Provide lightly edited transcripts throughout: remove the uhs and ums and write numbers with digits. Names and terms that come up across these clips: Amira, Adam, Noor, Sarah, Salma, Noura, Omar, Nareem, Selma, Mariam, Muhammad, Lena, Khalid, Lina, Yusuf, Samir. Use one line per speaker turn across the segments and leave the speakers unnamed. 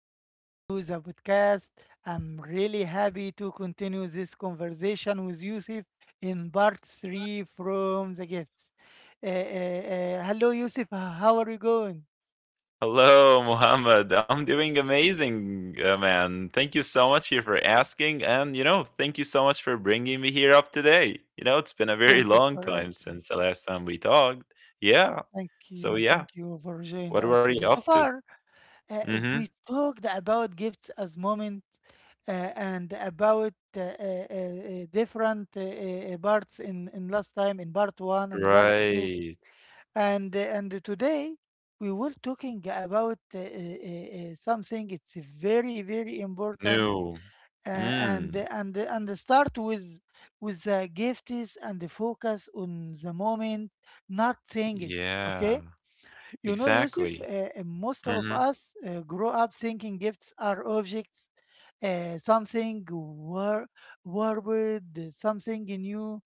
back to the podcast. I'm really happy to continue this conversation with Yusuf in part three from the gifts. Hello, Yusuf. How are you going?
Hello, Muhammad. I'm doing amazing, man. Thank you so much here for asking. And, thank you so much for bringing me here up today. You know, it's been a
Thank
very
you for
long time
attending.
since the last time we talked. Yeah.
Thank you.
So,
Thank
yeah.
you for joining
What
us
were
today
you
so
up to?
far. Uh,
Mm
we talked about gifts as moments, uh, and about different parts in last time, in part one
hmm.
and part two,
Right.
and today we were talking about something. It's very very important,
New.
and
Mm.
and and start with the gifts and the focus on the moment, not things.
Yeah.
Okay, you know, Yusuf,
Exactly.
most
Mm hmm.
of us grow up thinking gifts are objects, something warped, something new.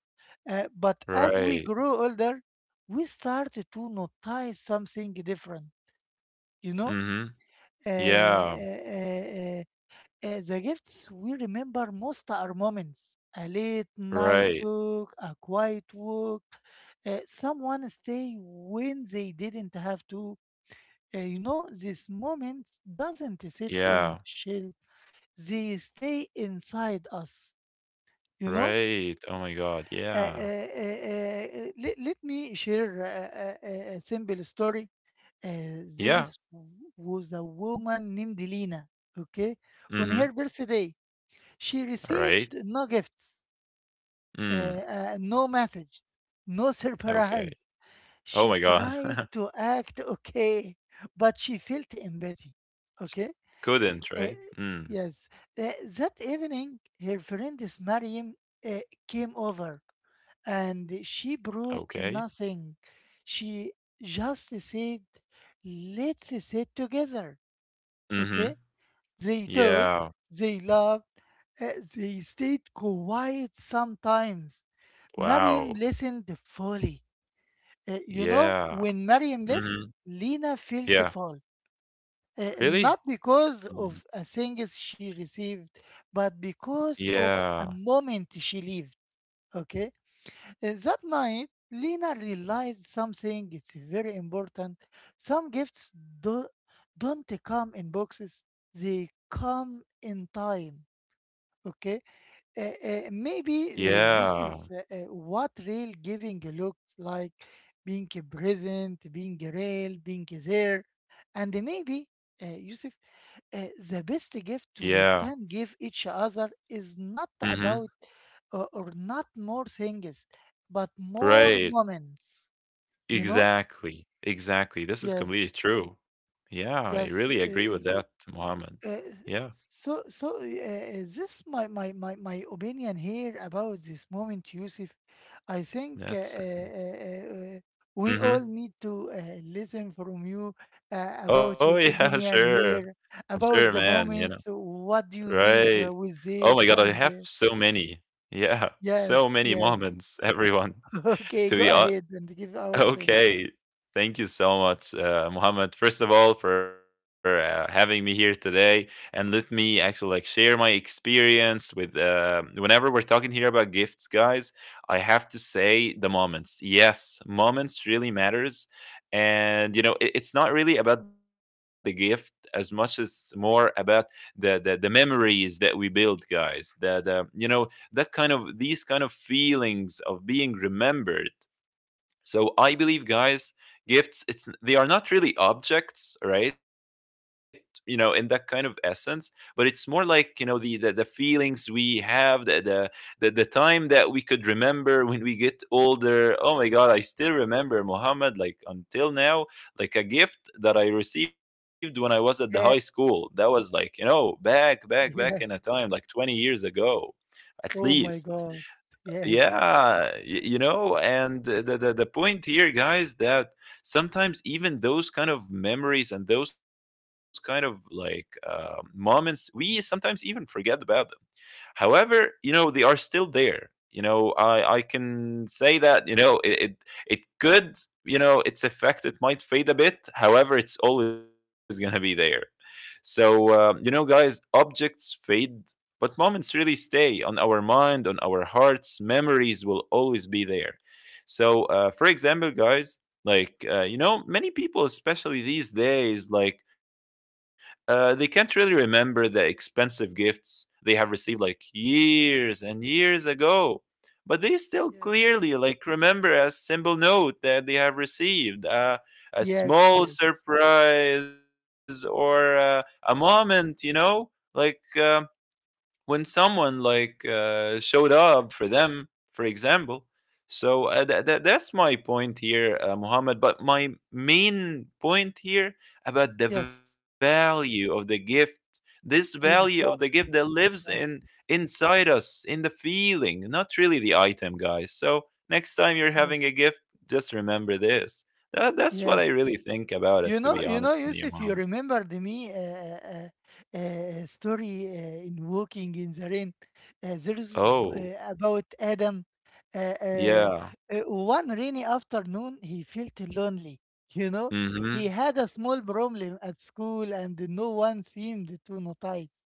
But as we
Right.
grow older, we start to notice something different. You know,
Mm hmm.
uh, uh,
Yeah.
uh, the gifts we remember most are moments. A late night
Right.
walk, a quiet walk, someone stay when they didn't have to. These moments doesn't sit on
Yeah.
shelf. They stay inside us. You know,
Right. Oh my God.
uh, uh,
Yeah.
uh, let me share a simple story. Uh, there
Yeah.
is, was a woman named Lina. Okay,
Mm hmm.
on her birthday, she
All right.
received no gifts,
Mm,
no message, no
okay.
surprise.
Oh
She
my god.
tried to act okay, but she felt empathy. Okay.
Couldn't, right?
Uh,
Mm,
yes. Uh, that evening, her friend Mariam uh, came over, and she brought
okay.
nothing. She just said, "Let's sit together."
Mhm.
Okay? They talked,
Yeah.
they laughed, uh, they stayed quiet sometimes. Mariam
Wow.
listened fully.
Yeah.
When Mariam left,
Mhm.
Lena felt
Yeah.
full,
Really?
not because
Mm.
of a things she received, but because of a
Yeah.
moment she lived. Okay. That night, Lena realized something. It's very important. Some gifts do, don't come in boxes; they come in time. Okay. Maybe this
Yeah.
is what real giving looks like: being present, being real, being there, and maybe, Yusuf, the best gift we
Yeah.
can give each other is not
Mhm.
about or not more things, but more
Right.
moments. You know?
Exactly. Exactly. This is
Yes,
completely true. Yeah, I
yes.
really agree with that, Mohammed.
Uh,
Yeah.
so, this my, my opinion here about this moment, Yusuf. I think
That's
we all
Mhm.
need to listen from you about
Oh
your
yeah,
opinion
sure.
here about
Sure,
the
man, you know.
moments. What do you leave
Right.
with
Oh my
this,
god, I
and
have so many. Yeah, so
yes,
many
yes.
moments, everyone.
Okay, go
To be hon
ahead and give our thing.
Okay. Thank you so much, Mohammed. First of all, for having me here today, and let me actually like share my experience with. Whenever we're talking here about gifts, guys, I have to say the moments. Yes, moments really matters, and you know it's not really about the gift as much as more about the memories that we build, guys. That you know that kind of these kind of feelings of being remembered, so I believe, guys, gifts it's, they are not really objects, right? You know, in that kind of essence, but it's more like you know the feelings we have, the time that we could remember when we get older. Oh my God, I still remember Muhammad like until now, like a gift that I received when I was at the high
Yeah.
school. That was like you know back in a time
Yes.
like 20 years ago at
Oh
least.
my god. Yes.
Yeah, you know, and the point here guys that sometimes even those kind of memories and those kind of like moments we sometimes even forget about them. However, you know, they are still there. You know, I can say that, you know, it could, you know, its effect, it might fade a bit. However, it's always going to be there. So, you know, guys, objects fade, but moments really stay on our mind, on our hearts. Memories will always be there. So, for example, guys, like, you know, many people, especially these days, like, they can't really remember the expensive gifts they have received like years and years ago, but they still
Yes.
clearly like remember a simple note that they have received, a
Yes.
small
Yes.
surprise, or a moment, you know, like when someone like showed up for them, for example. So that's my point here, Muhammad. But my main point here about the
Yes.
value of the gift, this value of the gift that
Exactly.
lives in
Exactly.
inside us, in the feeling, not really the item, guys. So next time you're having a
Yes.
gift, just remember this. That's what I
Yes.
really think about
You
it, to
know,
be
you know,
honest with you,
Yusuf, you
Muhammad.
remembered me a story in "Walking in the Rain." Uh, there is
Oh,
b- uh, about Adam. Uh, uh,
yeah.
One rainy afternoon, he felt lonely. You know,
Mm-hmm.
he had a small problem at school, and no one seemed to notice.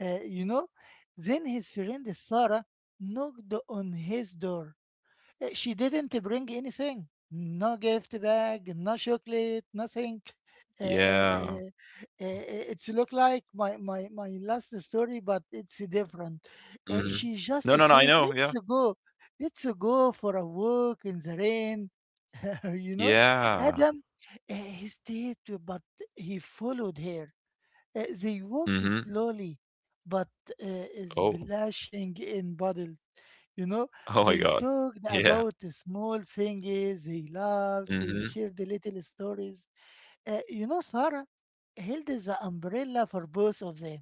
Uh, you know, then his friend Sarah knocked on his door. She didn't bring anything, no gift bag, no chocolate, nothing. Uh, uh,
Yeah.
uh, it's look like my last story, but it's different.
Mhm. No, no,
She
no, I
just
know, yeah.
said, let's go for a walk in the rain." You know,
Yeah.
Adam, uh, he stayed, but he followed her.
Mhm.
They walked slowly, but
Oh.
splashing in puddles. You know,
Oh my god.
they talked
Yeah.
about the small things they loved, they
Mhm.
shared the little stories. Sarah held the umbrella for both of them,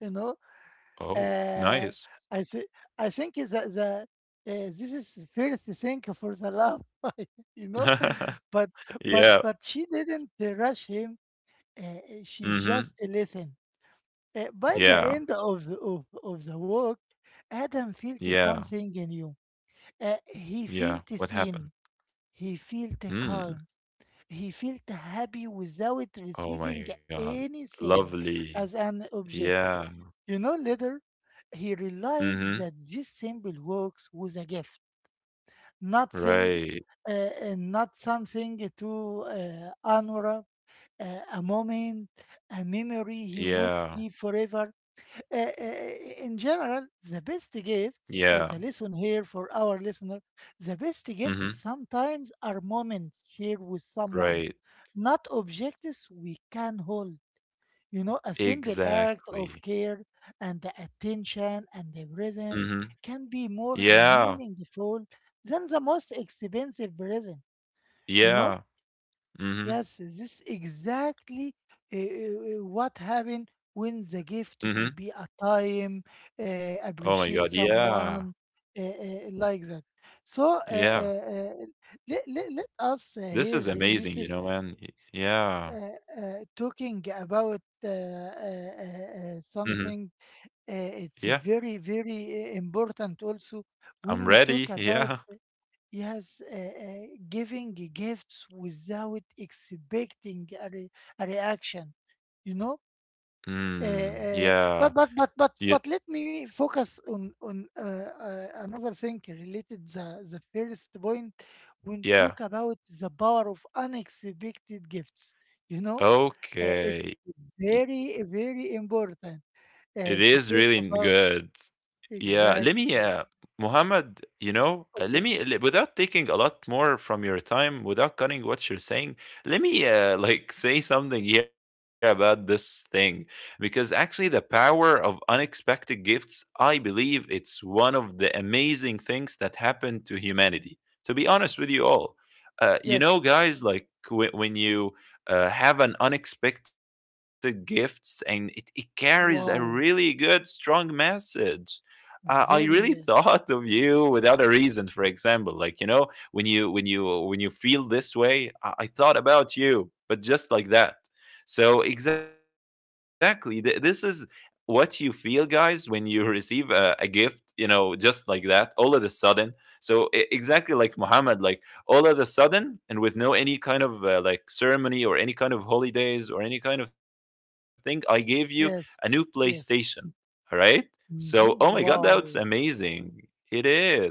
you know.
Oh, nice.
Uh, I, th- I think that this is first thing for the love, you know, but
Yeah.
she didn't rush him.
Mhm.
She just listened. By
Yeah.
the end of the walk, Adam felt
Yeah.
something new.
Yeah.
He
What
felt
happened?
seen. He felt
Hmm.
calm. He felt happy without
Oh my
receiving
god.
anything
Lovely.
as an
Yeah.
object. You know, later, he
Mhm.
realized that this simple works was a gift, nothing,
Right.
uh, and not something to honor, a moment, a memory
Yeah.
he would keep forever. Uh, uh, uh, in general, the best gifts,
Yeah.
as a lesson here for our listener, the best
Mhm.
gifts sometimes are moments shared with someone,
Right.
not objects we can hold. You know, a simple act
Exactly.
of care and the attention and the presence
Mhm.
can be more
Yeah.
meaningful than the most expensive present. You know,
Yeah. Mhm.
yes, this exactly uh, uh, what happened when the gift
Mhm.
to be a time,
Oh my god.
appreciate
Yeah.
someone like that. So,
Yeah,
let us hear
this is amazing,
Yusuf
you know, man. Y Yeah.
talking about
Mhm.
something. It's
Yeah,
very, very important also when
I'm
we talk
ready.
about.
Yeah.
Yes, giving gifts without expecting a reaction, you know.
Mm,
Uh, uh,
yeah.
but but but but
Ye
but let me focus on another thing related the first point when talk
Yeah.
about the power of unexpected gifts. You know, it's
Okay.
very very important
It is
to
really
talk
good.
about.
Yeah, let me,
Exactly.
Muhammad, you know, let
Okay.
me, without taking a lot more from your time, without cutting what you're saying, let me, like, say something here about this thing. Because actually, the power of unexpected gifts, I believe it's one of the amazing things that happened to humanity. To be honest with you all, you
Yes.
know, guys, like, when you, have an unexpected gifts and it carries a really good
Wow.
strong message. I really
Very
thought
well.
of you without a reason, for example, like you know, when you feel this way. I thought about you but just like that. So exactly, this is what you feel guys when you receive a gift, you know, just like that, all of a sudden. So exactly, like Muhammad. Like all of a sudden and with no any kind of like ceremony or any kind of holidays or any kind of thing, I gave you a new
Yes.
PlayStation, all
Yes.
right? So oh my god,
Hmm.
that's
Wow.
amazing. It is.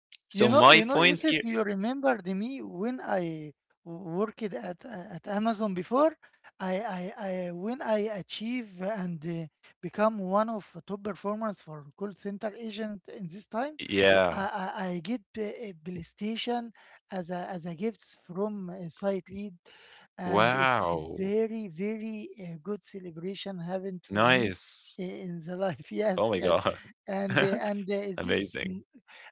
So
You
my
know, you know,
point here.
Yusuf, you remembered me when I worked at Amazon before. I When I achieve, and become one of top performers for call center agent in this time,
Yeah.
I, I get a PlayStation as a gifts from a site lead, and it's a
Wow.
very very good celebration
Nice.
happened for me
Oh
in
my
the life.
god.
Yes, yes, and
Amazing.
this.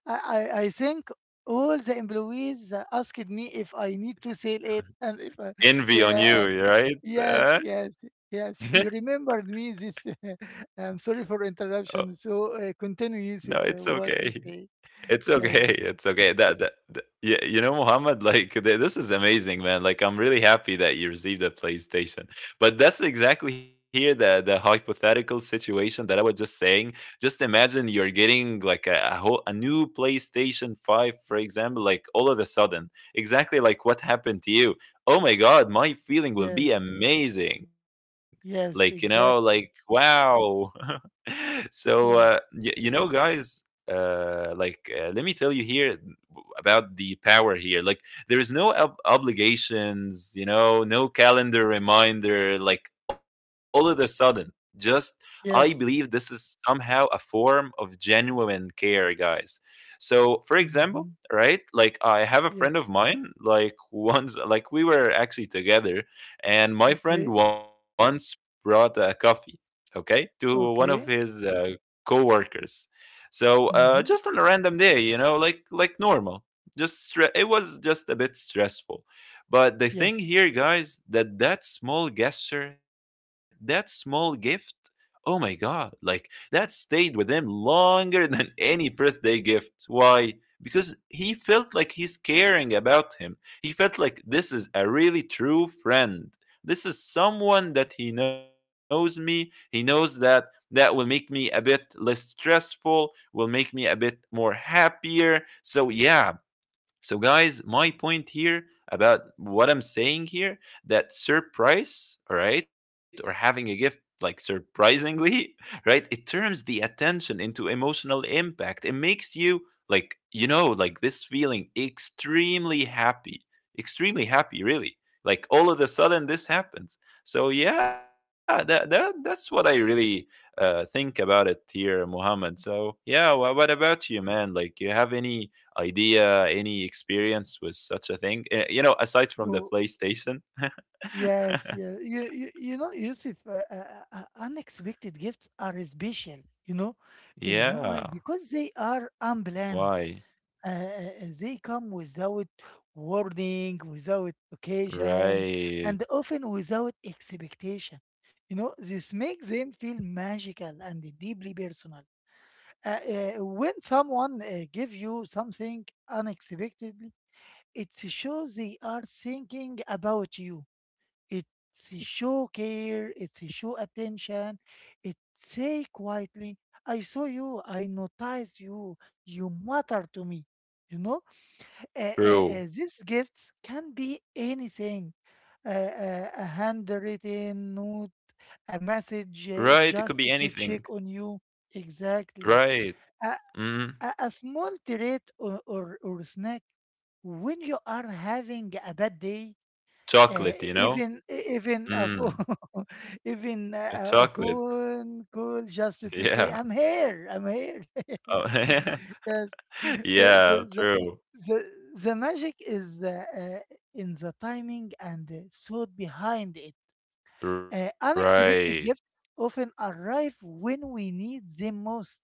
I, I think all the employees asked me if I need to sell it, and if I,
Envy on you.
yeah,
Right. Uh,
yes, yes, yes. You remembered me this. I'm
oh,
sorry for interruption. So,
no, it's
continue,
okay.
Yusuf, what you
It's
say.
okay. It's
Yes,
okay. That you, you know, Muhammad, like this is amazing, man. Like I'm really happy that you received a PlayStation. But that's exactly here the hypothetical situation that I was just saying. Just imagine you're getting like a whole a new PlayStation 5, for example, like all of a sudden. Exactly like what happened to you. Oh my God, my feeling will
yes,
be amazing. Like, you know,
yes,
like
exactly.
wow. So
Oh,
you know guys, like, let me tell you here about the power here. Like there is no obligations, you know, no calendar reminder. Like all of a sudden, just I believe this
yes.
is somehow a form of genuine care, guys. So, for example,
Hmm.
right? Like I have a
Yes.
friend of mine. Like once, like we were actually together, and my friend
Okay.
once brought a coffee, okay, to one of his
Okay.
co-workers. So just on a
Hmm.
random day, you know, like normal, just it was just a bit stressful. But the thing
Yes.
here guys, that that small gesture, that small gift, oh my god, like that stayed with him longer than any birthday gift. Why? Because he felt like he's caring about him. He felt like this is a really true friend. This is someone that he knows me, he knows that that will make me a bit less stressful, will make me a bit more happier, so yeah. So, guys, my point here about what I'm saying here, that surprise, all right, or having a gift like surprisingly, right, it turns the attention into emotional impact. It makes you, like, you know, like this feeling extremely happy, really. Like all of a sudden, this happens. So yeah, that's what I really think about it here, Muhammad. So yeah, what
Yeah.
about you, man? Like, you have any idea, any experience with such a thing? You know, aside from the
Wha-
PlayStation.
Yes, yeah. You know, Yusuf, unexpected gifts are special, you know. You know
Yeah.
why? Because they are unplanned.
Why?
They come without warning, without occasion,
Right.
and often without expectation. You know, this makes them feel magical and deeply personal. Uh, when someone gives you something unexpectedly, it shows they are thinking about you. It's show care, it's show attention, it's say quietly, "I saw you, I noticed you, you matter to me." You know, these
True.
gifts can be anything. A handwritten note, a message
Right. It
just
could be
to check
anything.
on you. Exactly.
Right.
A, a,
Mm.
a small treat or snack when you are having a bad day. uh,
Chocolate, you know?
even e- even a phone,
Mm. A
even
Chocolate.
a phone call just
Yeah.
to say, "I'm here, I'm here."
Oh,
Yes, yes. Uh, the,
yeah.
the
True.
the the magic is in the timing and the thought behind it. Unexpected
Right.
gifts often arrive when we need them most.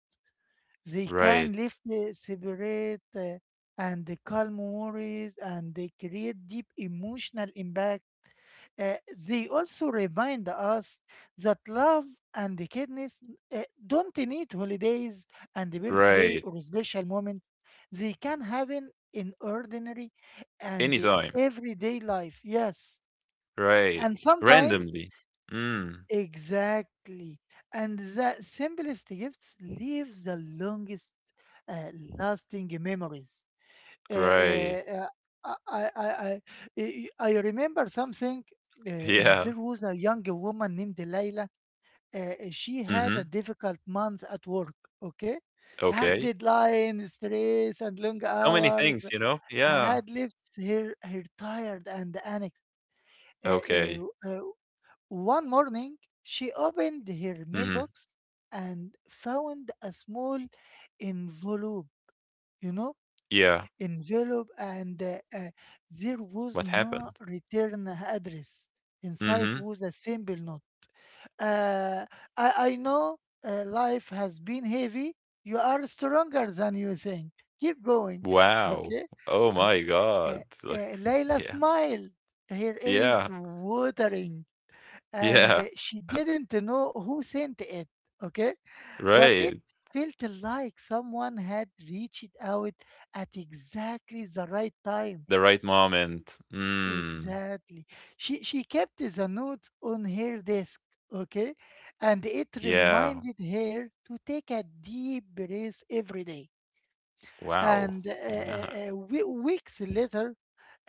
They can lift
Right.
the separate, and the calm worries, and they create deep emotional impact. They also remind us that love and kindness don't need holidays and the birthday
Right.
or special moments. They can happen in ordinary and the
Anytime.
everyday life. Yes.
Right.
And sometimes.
Randomly. Mm.
Exactly. And the simplest gifts leaves the longest uh, lasting memories. Uh,
Right.
uh, uh, I, I, I, I remember something.
Yeah.
There was a young woman named Layla. Uh,
Mm-hmm.
she had a difficult month at work, okay?
Okay.
Have deadline, stress, and long
So many things, you
hours
know? Yeah.
had left her tired and anxious. Uh,
Okay.
uh, One morning, she opened
Mhm.
her mailbox and found a small envelope, you know,
Yeah.
and there
What
was no
happened?
return address. Inside
Mhm.
was a simple note. Uh, I know life has been heavy. You are stronger than you think. Keep going.
Wow.
Okay.
Oh my god. Like,
Layla
yeah.
smiled, her eyes
Yeah.
watering, and
Yeah.
she didn't know who sent it, okay?
Right.
But it felt like someone had reached out at exactly the right time.
The right moment. Mm.
Exactly. She kept the note on her desk, okay? And it
Yeah.
reminded her to take a deep breath every day.
Wow.
And
Yeah.
weeks later,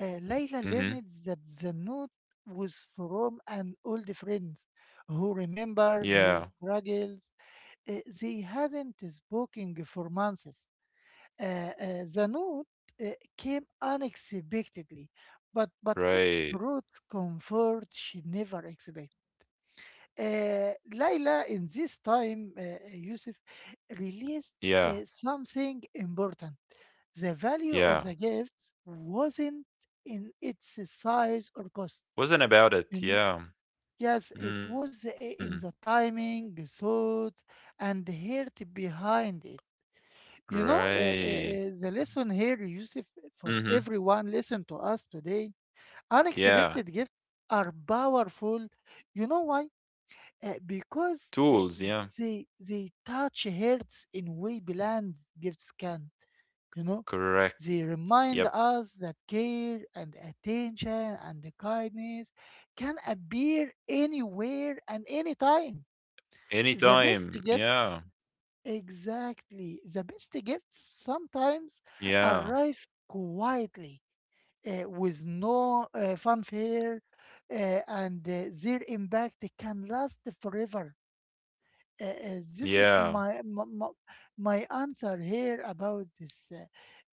Layla
Mhm.
learned that the note was from an old friend who
Yeah.
remembered her struggles. They hadn't spoken for months. Uh, uh, the note uh, came unexpectedly, but it
Right.
brought comfort she never expected. Uh, Layla, in this time, Yusuf,
Yeah.
released something important. The value
Yeah.
of the gift wasn't in its size or cost,
Wasn't about it.
you know.
Yeah.
Yes, it
Mm.
was in the timing, thought, and heart behind it. You know,
Right.
the lesson here, Yusuf, for
Mhm.
everyone listen to us today.
Yeah.
Unexpected gifts are powerful. You know why?
Tools, yeah.
Because they touch hearts in way bland gifts can you know
Correct.
they
Yep.
remind us that care and attention and kindness can appear anywhere and anytime.
Anytime.
The best
Yeah.
gifts, exactly, the best gifts sometimes
Yeah.
arrive quietly, with no fanfare, and their impact can last forever.
Yeah.
This is my answer here about this uh,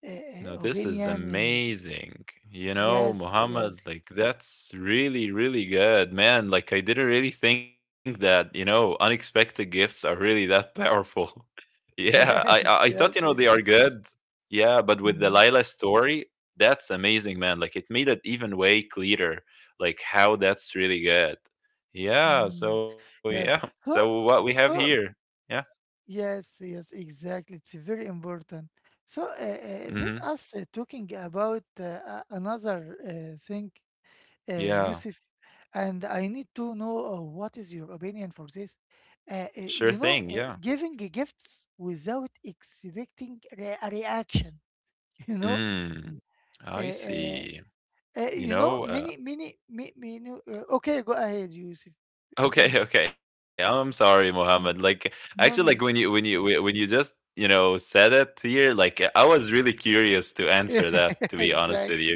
uh,
No, this is
opinion in the-
amazing. You know,
Yes,
Muhammad,
yes.
like that's really, really good, man. Like I didn't really think that, you know, unexpected gifts are really that powerful. Yeah. I
Yes,
thought, you know, they
yes,
are good. Yeah, but with the
mhm,
Lila story, that's amazing, man. Like it made it even way clearer, like how that's really good. Yeah.
mm,
So yeah.
yes.
So what
so
we have here.
so
Yeah.
yes, yes, exactly, it's very important. So
Hmm.
let us talking about a- another thing,
Yeah,
Yusuf, and I need to know what is your opinion for this.
sure thing,
You
yeah.
know, giving gifts without expecting re- a reaction. You know,
Mm, I
uh, uh,
see. You
you know,
know,
many, many, many, many okay, go ahead, Yusuf. Mm,
okay, okay. I'm sorry, Mohammed. Like,
mm.
actually, like when
No,
you
no.
when you whe- when you just you know said it here, like I was really curious to answer that. To be honest with
exactly.
you,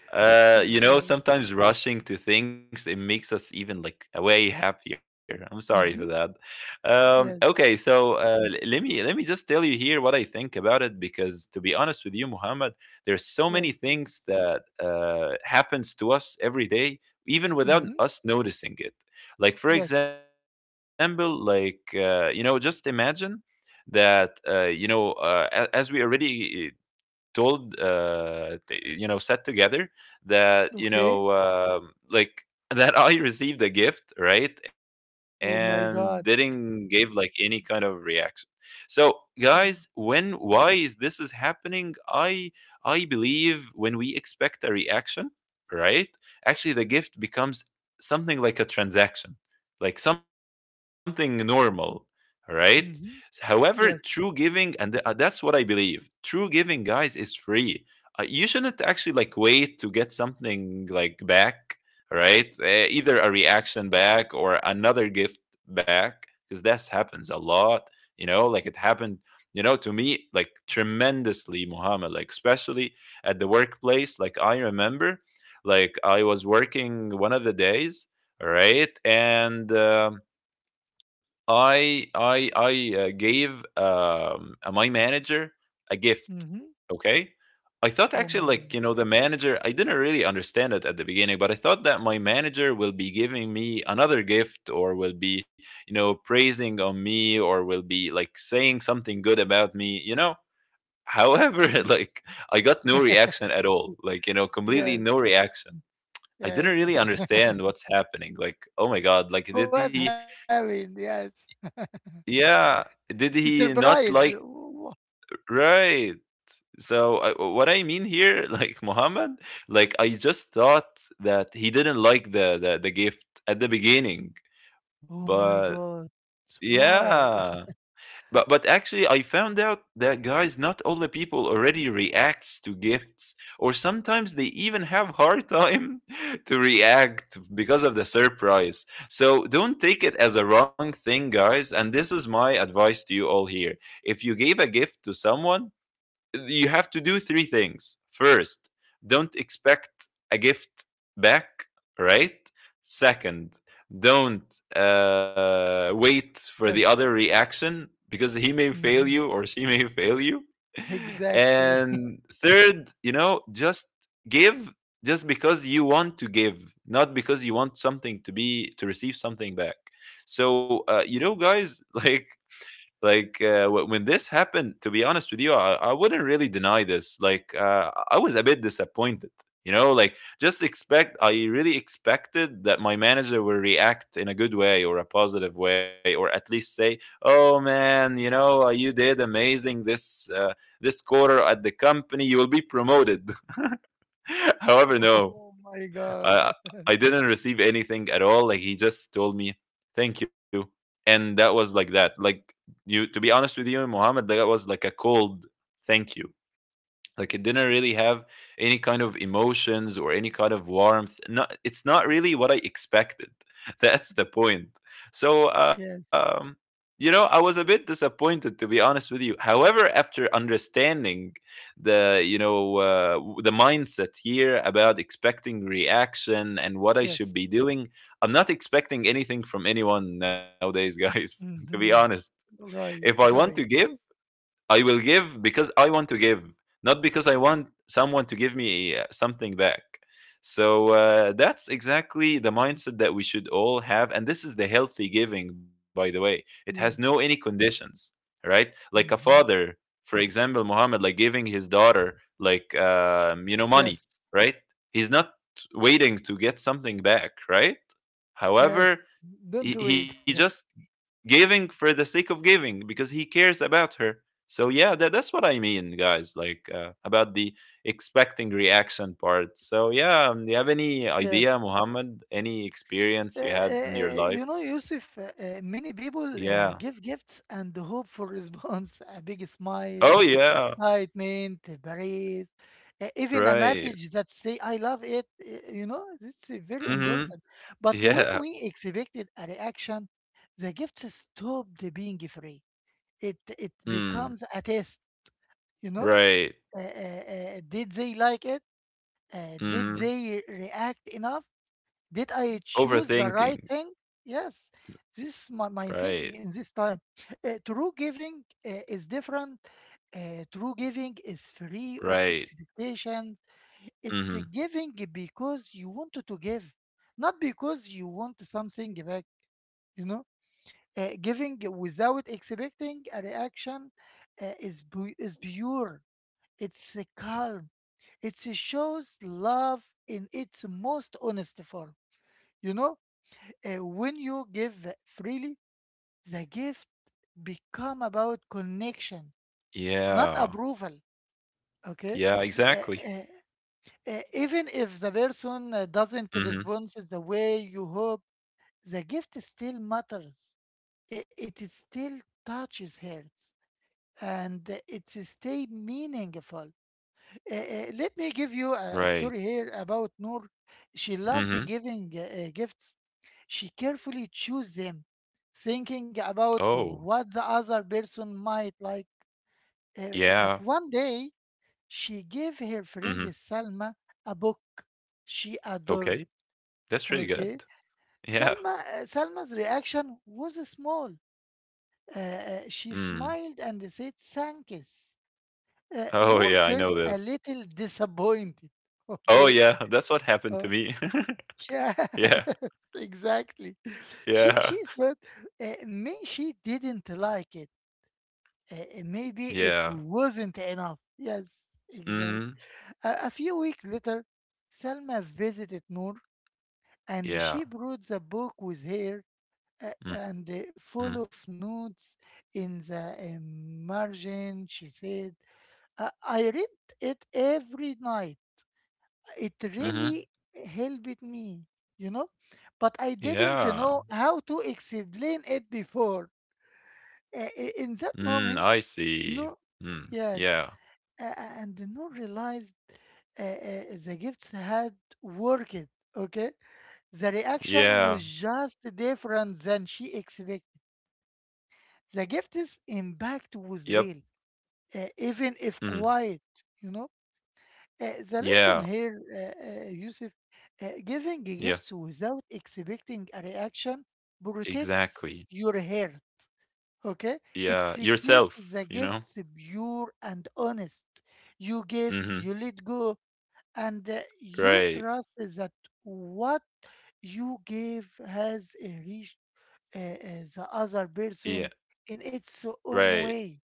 You know,
Exactly.
sometimes rushing to things it makes us even like way happier. I'm sorry for that.
Mm-hmm.
Okay,
Yes.
so let me just tell you here what I think about it, because to be honest with you, Muhammad, there's so many
Yes,
things
please.
that happens to us every day, even without
Mm-hmm.
us noticing it. Like for
Yes.
example, like you know, just imagine that you know, as we already told you know sat together, that you know
Okay.
like that I received a gift, right, and
Oh my
didn't
God.
give like any kind of reaction. So guys,
Oh,
when why is this is happening? I believe when we expect a reaction, right, actually the gift becomes something like a transaction, like something normal, right? However,
mm-hmm.
true giving,
Yes.
and that's what I believe, true giving, guys, is free. You shouldn't actually like wait to get something like back, right? Either a reaction back or another gift back, because that happens a lot. Like it happened, to me like tremendously, Muhammad. Like especially at the workplace. Like I remember, like I was working one of the days, all right, and I I
Mm-hmm. Yes.
I uh, gave my manager a gift.
Mm-hmm.
Okay, I thought
Oh
actually
my
like
God.
you know the manager. I didn't really understand it at the beginning, but I thought that my manager will be giving me another gift, or will be praising on me, or will be like saying something good about me. However,
Yes.
like I got no reaction at all. Like completely
Yes.
no reaction. I didn't
Yes.
really understand what's happening. Like, oh my god, like did
What
he,
happened? Yes.
yeah,
It's a
did he not
surprise.
like,
Wh-
right. So, I what I mean here, like Muhammad, like I just thought that he didn't like the gift at the beginning,
Oh my
but
God. Why?
yeah. But actually, I found out that guys, not all the people already reacts to gifts, or sometimes they even have hard time to react because of the surprise. So don't take it as a wrong thing, guys. And this is my advice to you all here: if you gave a gift to someone, you have to do three things. First, don't expect a gift back, right? Second, don't wait for the other
Yes.
reaction because he may fail
Hmm.
you or she may fail you.
Exactly.
And third, just give just because you want to give, not because you want something to be to receive something back. So, guys, like like when this happened to be honest with you, I wouldn't really deny this, like I was a bit disappointed. Like just expect I really expected that my manager will react in a good way or a positive way or at least say, oh man, you did amazing this this quarter at the company, you will be promoted. However, no.
Oh my God.
I I didn't receive anything at all. Like, he just told me thank you, and that was like that. Like you, to be honest with you, Muhammad, that was like a cold thank you. Like, it didn't really have any kind of emotions or any kind of warmth. Not, it's not really what I expected. That's the point. So
Yes.
I was a bit disappointed, to be honest with you. However, after understanding the the mindset here about expecting reaction and what I should
Yes.
be doing, I'm not expecting anything from anyone nowadays, guys, to be honest.
Hmm.
If I
Right.
want to give,
Right.
I will give because I want to give, not because I want someone to give me something back. So that's exactly the mindset that we should all have. And this is the healthy giving, by the way. It has no any
Yes.
conditions, right? Like a
Hmm.
father, for example, Muhammad, like giving his daughter, money,
Yes.
right? He's not waiting to get something back, right?
Yes.
However,
Don't
he,
do
he
it.
just giving for the sake of giving because he cares about her. So yeah, that's what I mean, guys, like about the expecting reaction part. So yeah, do you have any
Yes.
idea, Muhammad, any experience you had in your
You
life?
know, Yusuf, many people
Yeah.
give gifts and hope for response, a big
Oh,
smile,
yeah.
excitement, a praise, even a
Right.
message that say "I love it." You know, this is very important.
Mm-hmm.
But when we
Yeah.
expected a reaction, the gift stopped being free. It
Mm,
becomes a test. You know,
right.
uh, uh, did they like it? Did
Mm-hmm.
they react enough? Did I choose the right thing?
Overthinking.
Yes. This is my
Right,
thinking in this time. True giving is different. True giving is free of
right.
expectation. It's a
Mm-hmm.
giving because you wanted to give, not because you want something back, you know? Giving without expecting a reaction is pure. It's a calm. It shows love in its most honest form. You know, when you give freely, the gift become about connection, not
Yeah,
approval. Okay.
yeah,
Uh, uh,
exactly.
even if the person doesn't respond
Mm-hmm.
the way you hope, the gift still matters. I- It, is still touches hearts and it is stay meaningful. Let me give you a story here
Right.
about Noor. She loved giving
Mm-hmm.
gifts. She carefully chose them, thinking about
Oh,
what the other person might like. Uh, but
yeah.
one day, she gave her friend
Mhm.
Salma a book she adored.
Okay. That's
Okay.
really good.
Salma,
Yeah.
Salma's reaction was small. She
Mm.
smiled and said, "Thanks."
Oh,
Noor
yeah, I
felt
know
a
this.
little disappointed.
Oh,
Okay.
yeah, that's what happened to
Uh,
me.
Yes,
Yeah.
exactly. She
Yeah.
said may she didn't like it.
Yeah.
Maybe it wasn't enough. Yes,
Mhm.
exactly. A few weeks later, Selma visited Noor, and
Yeah.
she brought the book with her,
Mhm.
and full of notes in the margin. She said, "I read it every night." It
Mhm.
really helped me, you know, but I didn't know
Yeah.
how to explain it before.
Mm, I
In that
see.
moment,
Mm.
no,
Yeah.
yes, uh, and no realized the gifts had worked. Okay, the reaction was
Yeah.
just different than she expected. The gift's
Yep.
impact was real, even if
Mhm.
quiet, you know. The lesson
Yeah.
here, Yusuf, giving gifts
Yeah.
without expecting a reaction protects your
Exactly.
heart. Okay, it
Yeah.
keeps the
Yourself, you know?
gifts pure and honest. You give, you
Mhm.
let go, and you trust
Right.
that what you gave has reached the other
Yeah.
person in its own
Right.
way.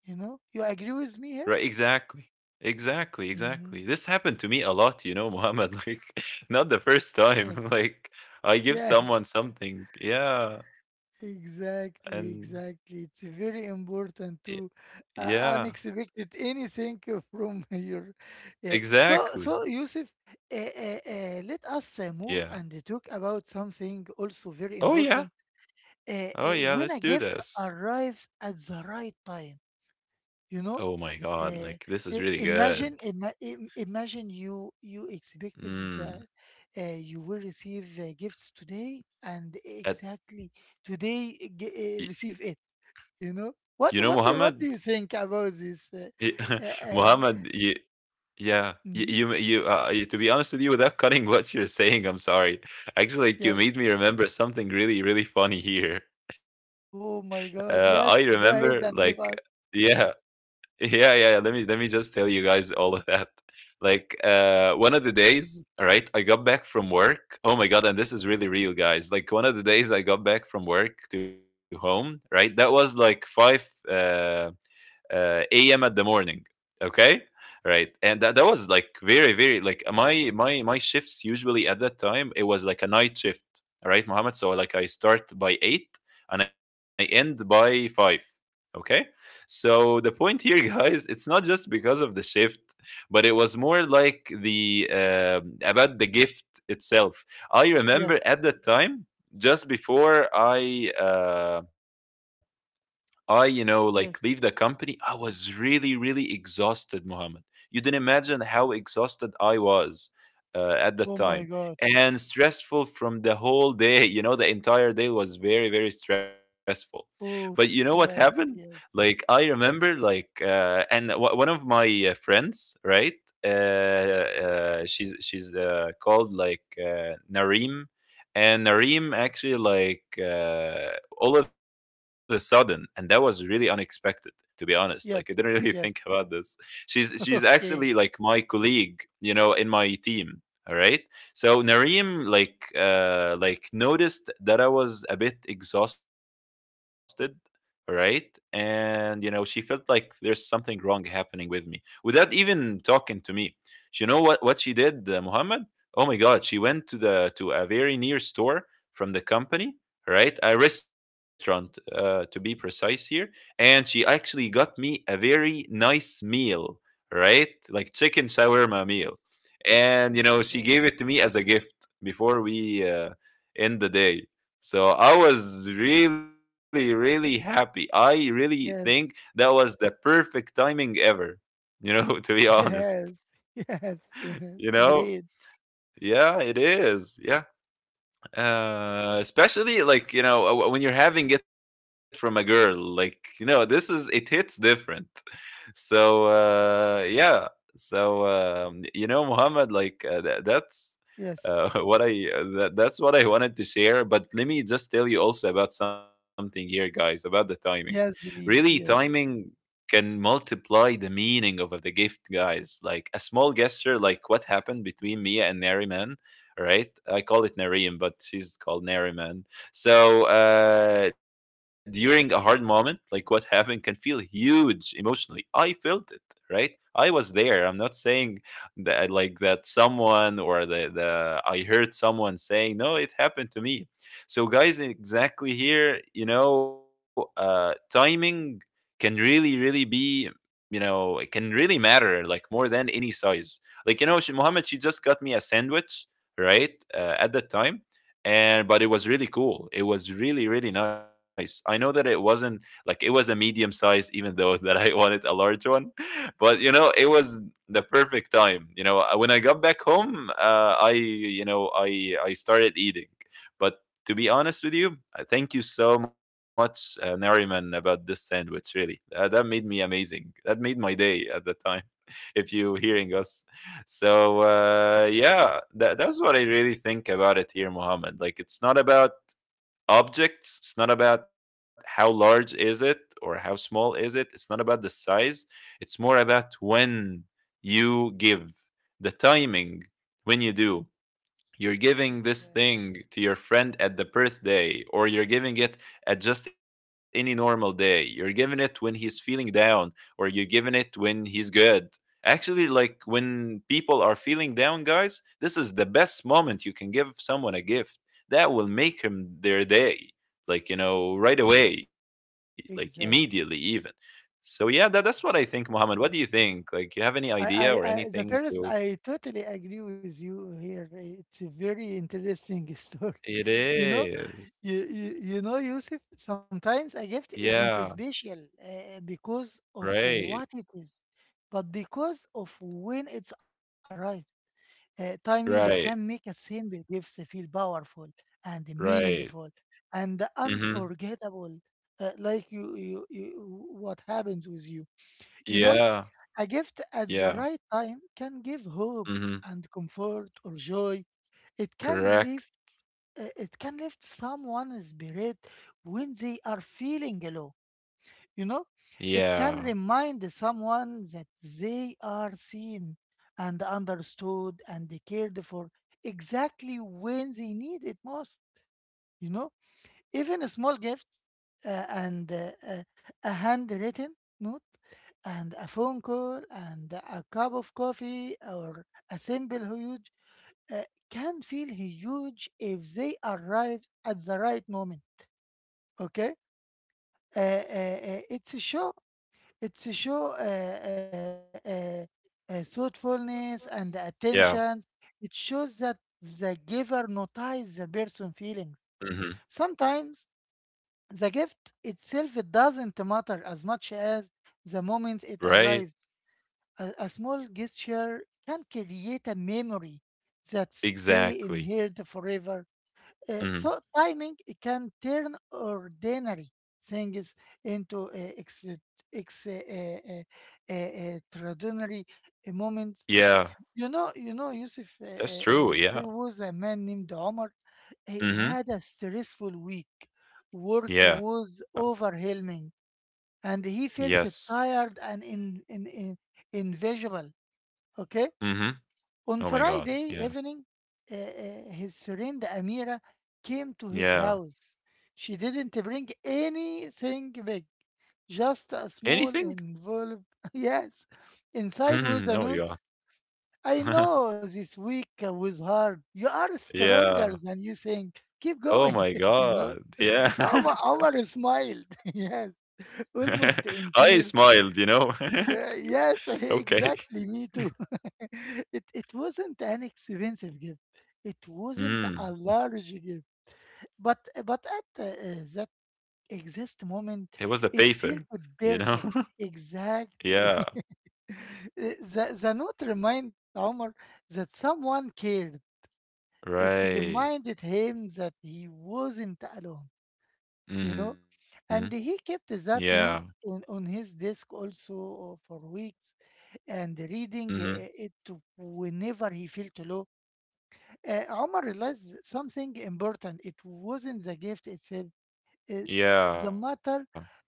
You know, you agree with me here?
Right, exactly. Exactly,
Hmm.
exactly. This happened to me a lot, you know, Muhammad. Like, not the first
Yes,
time. Like, I give
yes.
someone something. Yeah. And
Exactly, exactly. It's very
y-
important to
yeah,
unexpected anything from your. Yeah. So,
exactly.
so Yusuf, let us move
Yeah.
and talk about something also very
Oh, yeah.
important.
Oh, yeah. Let's do
When a
this.
gift arrives at the right time you
Oh,
know
my God. Like,
uh,
this is really good.
imagine you you expected that
Mm.
you will receive gifts today and
At,
exactly today
y-
receive it you know
you know, Muhammad?
what do you think about this
Y-
uh, uh,
Muhammad, yeah, you you
mhm,
you, uh, you to be honest with you, without cutting what you're saying, I'm sorry. Actually, like,
yes,
you made me remember something really really funny here.
oh my
I
God.
remember
Yes, go
like.
ahead and give us.
Yeah. Yeah, yeah, yeah. Let me just tell you guys all of that. Like one of the days, all right, I got back from work. Oh my god, and this is really real, guys. Like one of the days I got back from work to home, right? That was like five a.m. at the morning. Okay, right, and that was like very very like my shifts usually at that time, it was like a night shift. All right, Mohammed. So like, I start by eight and I end by five. Okay, so the point here, guys, it's not just because of the shift, but it was more like the about the gift itself. I
Yes,
remember at that time, just before I. I, like, leave the
yes,
company. I was really, really exhausted, Muhammad. You didn't imagine how exhausted I was at that
oh
time,
my God,
and stressful from the whole day. You know, the entire day was very, very stressful. But you know what
oof,
happened?
yes,
Like,
yes,
I remember, like, one of my friends, right? She's called like Nareem, and Nareem actually like all of a sudden, and that was really unexpected. To be honest, like, I didn't really
yes,
think about
yes.
this. She's actually like
Okay,
my colleague, you know, in my team. All right. So Nareem like noticed that I was a bit exhausted, all right? And you know, she felt like there's something wrong happening with me without even talking to me. You know what she did, Muhammad? Oh my god, she went to a very near store from the company, right? A restaurant, to be precise here. And she actually got me a very nice meal, right? Like, chicken shawarma meal.
yes,
And,
oh my
she gave
God,
it to me as a gift before we end the day. So I was really, really happy. I really think that
yes.
was the perfect timing ever, to be honest.
Yes, yes,
You
it's
know?
great.
Yeah, it is. Yeah. Especially like when you're having it from a girl, like this is, it hits different. So yeah. So Muhammad, like that's
Yes,
what that's what I wanted to share. But let me just tell you also about something here, guys, about the timing.
yes,
Really,
Elise, yes,
timing can multiply the meaning of the gift, guys. Like a small gesture, like what happened between me and Nariman, right? I call it Nariman but she's called Nariman. So during a hard moment, like what happened can feel huge emotionally. I felt it, right? I was there. I'm not saying that, like, that someone, or the I heard someone saying, no, it happened to me. So guys, exactly here, timing can really, really be, it can really matter like more than any size. Like, she, Mohammed, she just got me a sandwich, right? At that time. And, but it was really cool, it was really really nice. I know that it wasn't, like, it was a medium size, even though that I wanted a large one. But it was the perfect time. When I got back home, I you know I started eating. But to be honest with you, thank you so much, Nariman, about this sandwich, really, that made me amazing, that made my day at that time, if you hearing
exactly,
us. So yeah, that's what I really think about it here, Mohammed. Like, it's not about objects, it's not about how large is it or how small is it, it's not about the size. It's more about when you give. The timing, when you do. You're giving this
exactly,
thing to your friend at the birthday, or you're giving it at just any normal day, you're giving it when he's feeling down, or you're giving it when he's good. Actually, like, when people are feeling down, guys, this is the best moment you can give someone a gift that will make him their day, like right
exactly,
away, like immediately even.
exactly.
So yeah, that's what I think,
Mhm.
Mohammed. What do you think, like, you have any idea or
I,
anything
the
to.
first, I totally agree with you here. It's a very interesting story.
It
You know,
is.
you know, Yusuf, sometimes a
Yeah.
gift isn't special because of
Right,
what it is, but because of when it's arrived. Timing can
right,
make a simple gift feel powerful and
right.
meaningful and
Mhm.
unforgettable, like what happens with you. You know,
Yeah,
a gift at the
yeah.
right time can give hope
Mhm.
and comfort or joy. It can lift,
Correct.
it can lift someone's spirit when they are feeling low. You know, it
Yeah,
can remind someone that they are seen and understood and cared for exactly when they need it most. You know, even a small gift, and a handwritten note and a phone call and a cup of coffee or a simple huge uh, can feel huge if they arrive at the right moment. Okay, it's a show. It's to show thoughtfulness and attention.
yeah.
It shows that the giver notices the person's feelings.
Mhm.
Sometimes the gift itself it doesn't matter as much as the moment it
Right.
arrives. A small gesture can create a memory that stay in
Exactly.
here forever.
Mhm.
So timing can turn ordinary things into ex- uh, uh, uh, uh, extraordinary moments.
Yeah,
You know, Yusuf.
that's true, yeah.
There was a man named Omar. He
Mhm.
had a stressful week. Work
Yeah.
was overwhelming, and he
Yes.
felt tired and in invisible. Okay,
Mhm. Oh my
on
god, yeah.
Friday evening, his friend Amira came to his
Yeah.
house. She didn't bring anything big, just a
Anything?
small envelope. Yes,
Mhm.
inside
Oh my
was a
god.
note. I know this week was hard. You are stronger
Yeah.
than you think. Keep
Oh
going,
my
you know.
god, yeah.
Omar, Omar smiled, yes,
I
almost in
smiled, you
tears.
know?
Yeah, yes,
Okay.
exactly. Me too. It wasn't an expensive gift. It wasn't a
Mm.
large gift. But but at that exact moment,
It was the
it felt
paper, you know?
perfect. Exactly.
Yeah,
The note reminded Omar that someone cared. It reminded
right.
him that he wasn't alone. You know,
Mhm.
and he kept that
Yeah.
note on his desk also for weeks and reading
Mhm.
it whenever he felt low. Omar realized something important. It wasn't the gift itself, uh, the
Yeah,
matter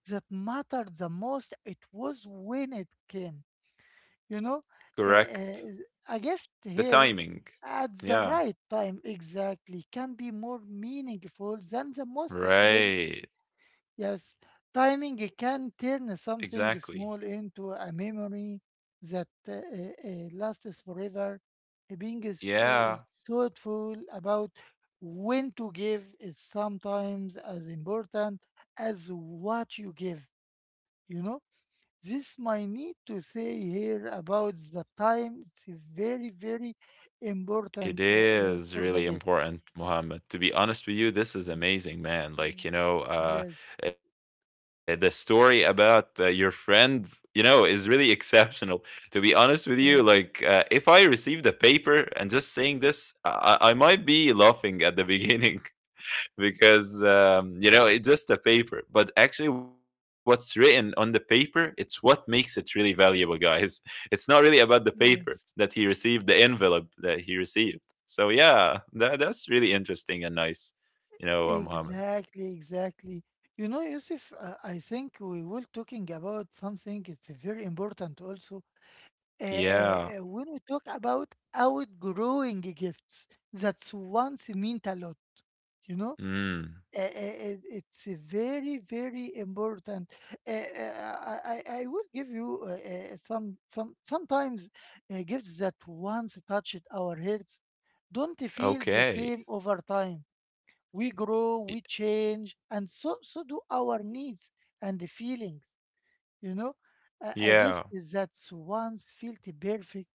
that mattered the most. It was when it came. You know, uh,
correct.
uh, a gift
The
here
timing.
at the
Yeah,
right time exactly can be more meaningful than the most expensive.
right.
Yes, timing it can
Exactly.
turn something small into a memory that lasts forever. Being is,
Yeah.
is thoughtful about when to give is sometimes as important as what you give, you know? This might need to say here about the time. It's very, very
It
important
is
for the
really
gift.
important, Muhammad. To be honest with you, this is
Mm,
amazing, man. Like,
mm.
you know,
Yes,
the story about your friend, you know, is really exceptional. To be honest
yes,
with you, like, if I received the paper and just saying this, I might be laughing at the beginning because you know, it's just a paper, but actually what's written on the paper, it's what makes it really valuable, guys. It's not really about the
yes.
paper that he received, the envelope that he received. So yeah, that's really interesting and nice, you know,
Exactly,
Muhammad.
exactly. You know, Yusuf, I think we were talking about something. It's very important also. When we talk
Yeah.
about outgrowing gifts, that's once meant a lot, you know?
Mm.
It's a very, very important. I will give you sometimes gifts that once touched our hearts don't feel the same over
Okay.
time. We grow, we
Y-
change, and so do our needs and the feelings. You know, a gift is
yeah,
that once felt perfect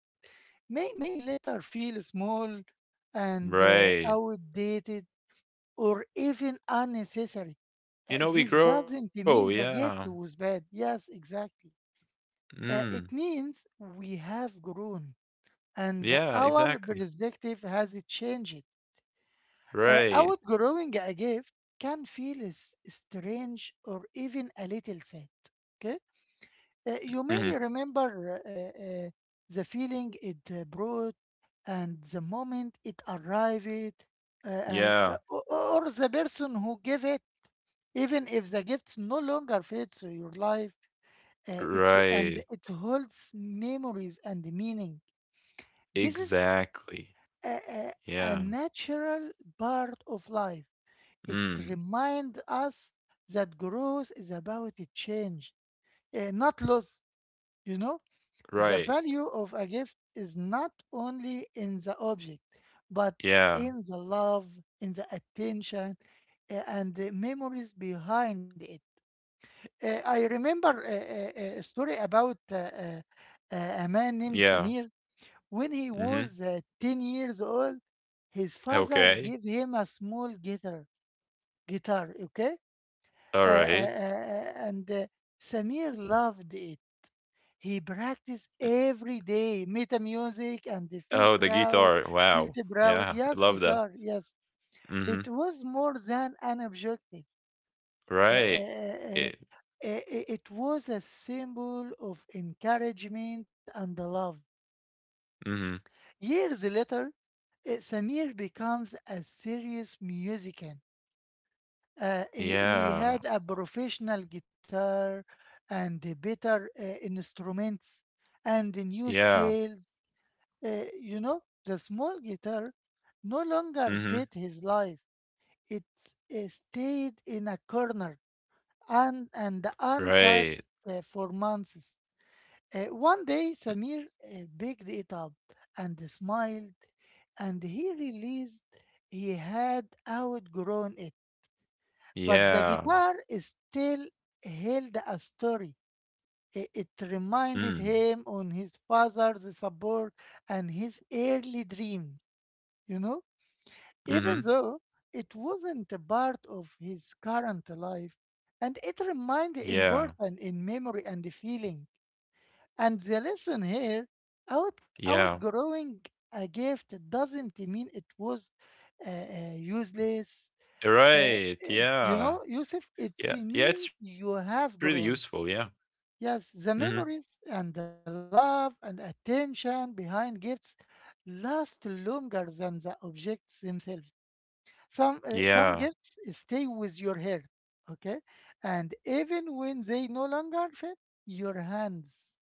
may later feel small and
right.
outdated or even unnecessary. This
You know,
doesn't
we
mean
grow.
the gift
Yeah.
was bad. Yes, exactly. It
Mm.
means we have grown and our
Yeah, exactly.
perspective has changed. Outgrowing
Right.
a gift can feel s- strange or even a little sad. Okay. You may
Hmm.
remember the feeling it brought and the moment it arrived, uh, and uh, o-
Yeah.
or the person who gave it. Even if the gift no longer fits your life, it and
Right.
it holds memories and meaning. This is
Exactly.
a, a, a
Yeah.
natural part of life. It
Mm.
reminds us that growth is about a change, not loss. You know, the
Right.
value of a gift is not only in the object, but in the
Yeah.
love, in the attention, and the memories behind it. I remember a story about a man named
Yeah.
Samir. When he was
Mm-hmm.
10 years old, his father gave
Okay.
him a small guitar. Guitar, okay?
All right.
And Samir loved it. He practiced every day, meta music, and they feel
Oh, the
proud,
guitar.
felt
Wow.
proud.
Yeah.
Yes,
I love
guitar.
that.
Yes, it was
Mm-hmm.
more than an objective. Uh, uh, uh,
Right.
uh, it was a symbol of encouragement and love.
Mm-hmm.
Years later, Samir becomes a serious musician. He had a
Yeah.
professional guitar and the better instruments and the new
Yeah.
scales. You know, the small guitar no longer fit
Mm-hmm.
his life. It stayed in a corner and
Right.
untouched for months. One day, Samir picked it up and smiled, and he realized he had outgrown it. But the
Yeah.
guitar is still held a story. It
Mm.
reminded him on his father's support and his early dreams, you know?
Mm-hmm.
Even though it wasn't a part of his current life, and it
Yeah.
reminded important in memory and the feeling. And the lesson here, out
Yeah.
outgrowing a gift doesn't mean it was useless. uh,
Right.
you
Yeah.
know, Yusuf, it
Yeah. Yeah. It's
means
really
you
useful. Yeah.
have grown.
Mm-hmm.
Yes, the memories and the love and attention behind gifts last longer than the objects themselves. Some
Yeah.
gifts stay with your hair, okay, and even when they no longer fit your hands.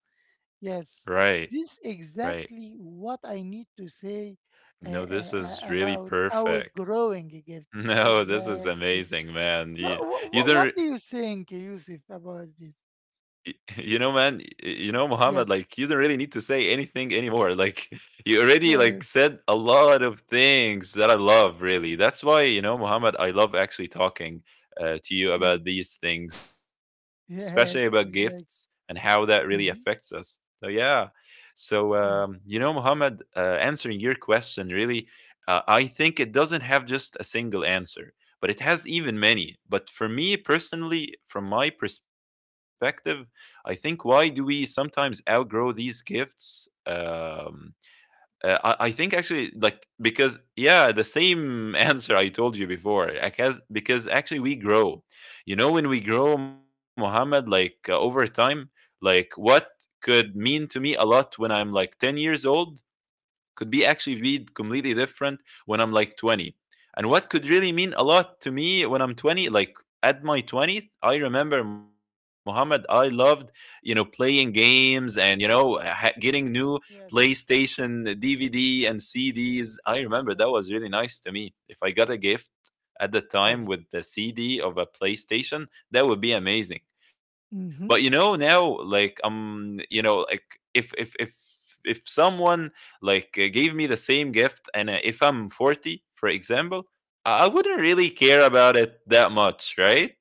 Yes,
Right.
this is
Right.
exactly what I need to say
No, this is really
about
perfect.
outgrowing gifts.
No, this is
Exactly.
amazing, man.
What,
You
what
don't
do you think, Yusuf,
Y-
about
You know,
this?
man, you know, Muhammad, like, you don't really need to say
Yes,
anything anymore. Like, you already like said a
yeah,
lot of things that I love, really. That's why, you know, Muhammad, I love actually talking to you about
yes,
these things, especially about gifts
yes,
and how that
exactly.
really affects us. So
Hmm.
yeah. So you
Yes,
know, Muhammad, answering your question, really, I think it doesn't have just a single answer, but it has even many. But for me personally, from my perspective, I think why do we sometimes outgrow these gifts? I think actually, like, because, yeah, the same answer I told you before, because actually we grow. You know, when we grow, Muhammad, like, over time, like, what could mean to me a lot when I'm like 10 years old could be actually be completely different when I'm like 20. And what could really mean a lot to me when I'm 20, like at my 20th, I remember Muhammad, I loved, you know, playing games and, you know, getting new
yes,
PlayStation DVD and CDs. I remember that
yes,
was really nice
yes,
to me. If I got a gift at the time
right.
with the CD of a PlayStation, that would be amazing. But you know,
Mm-hmm.
now, like, you know, like, if if someone like gave me the same gift and if I'm 40, for example, I wouldn't really care about it that much, right?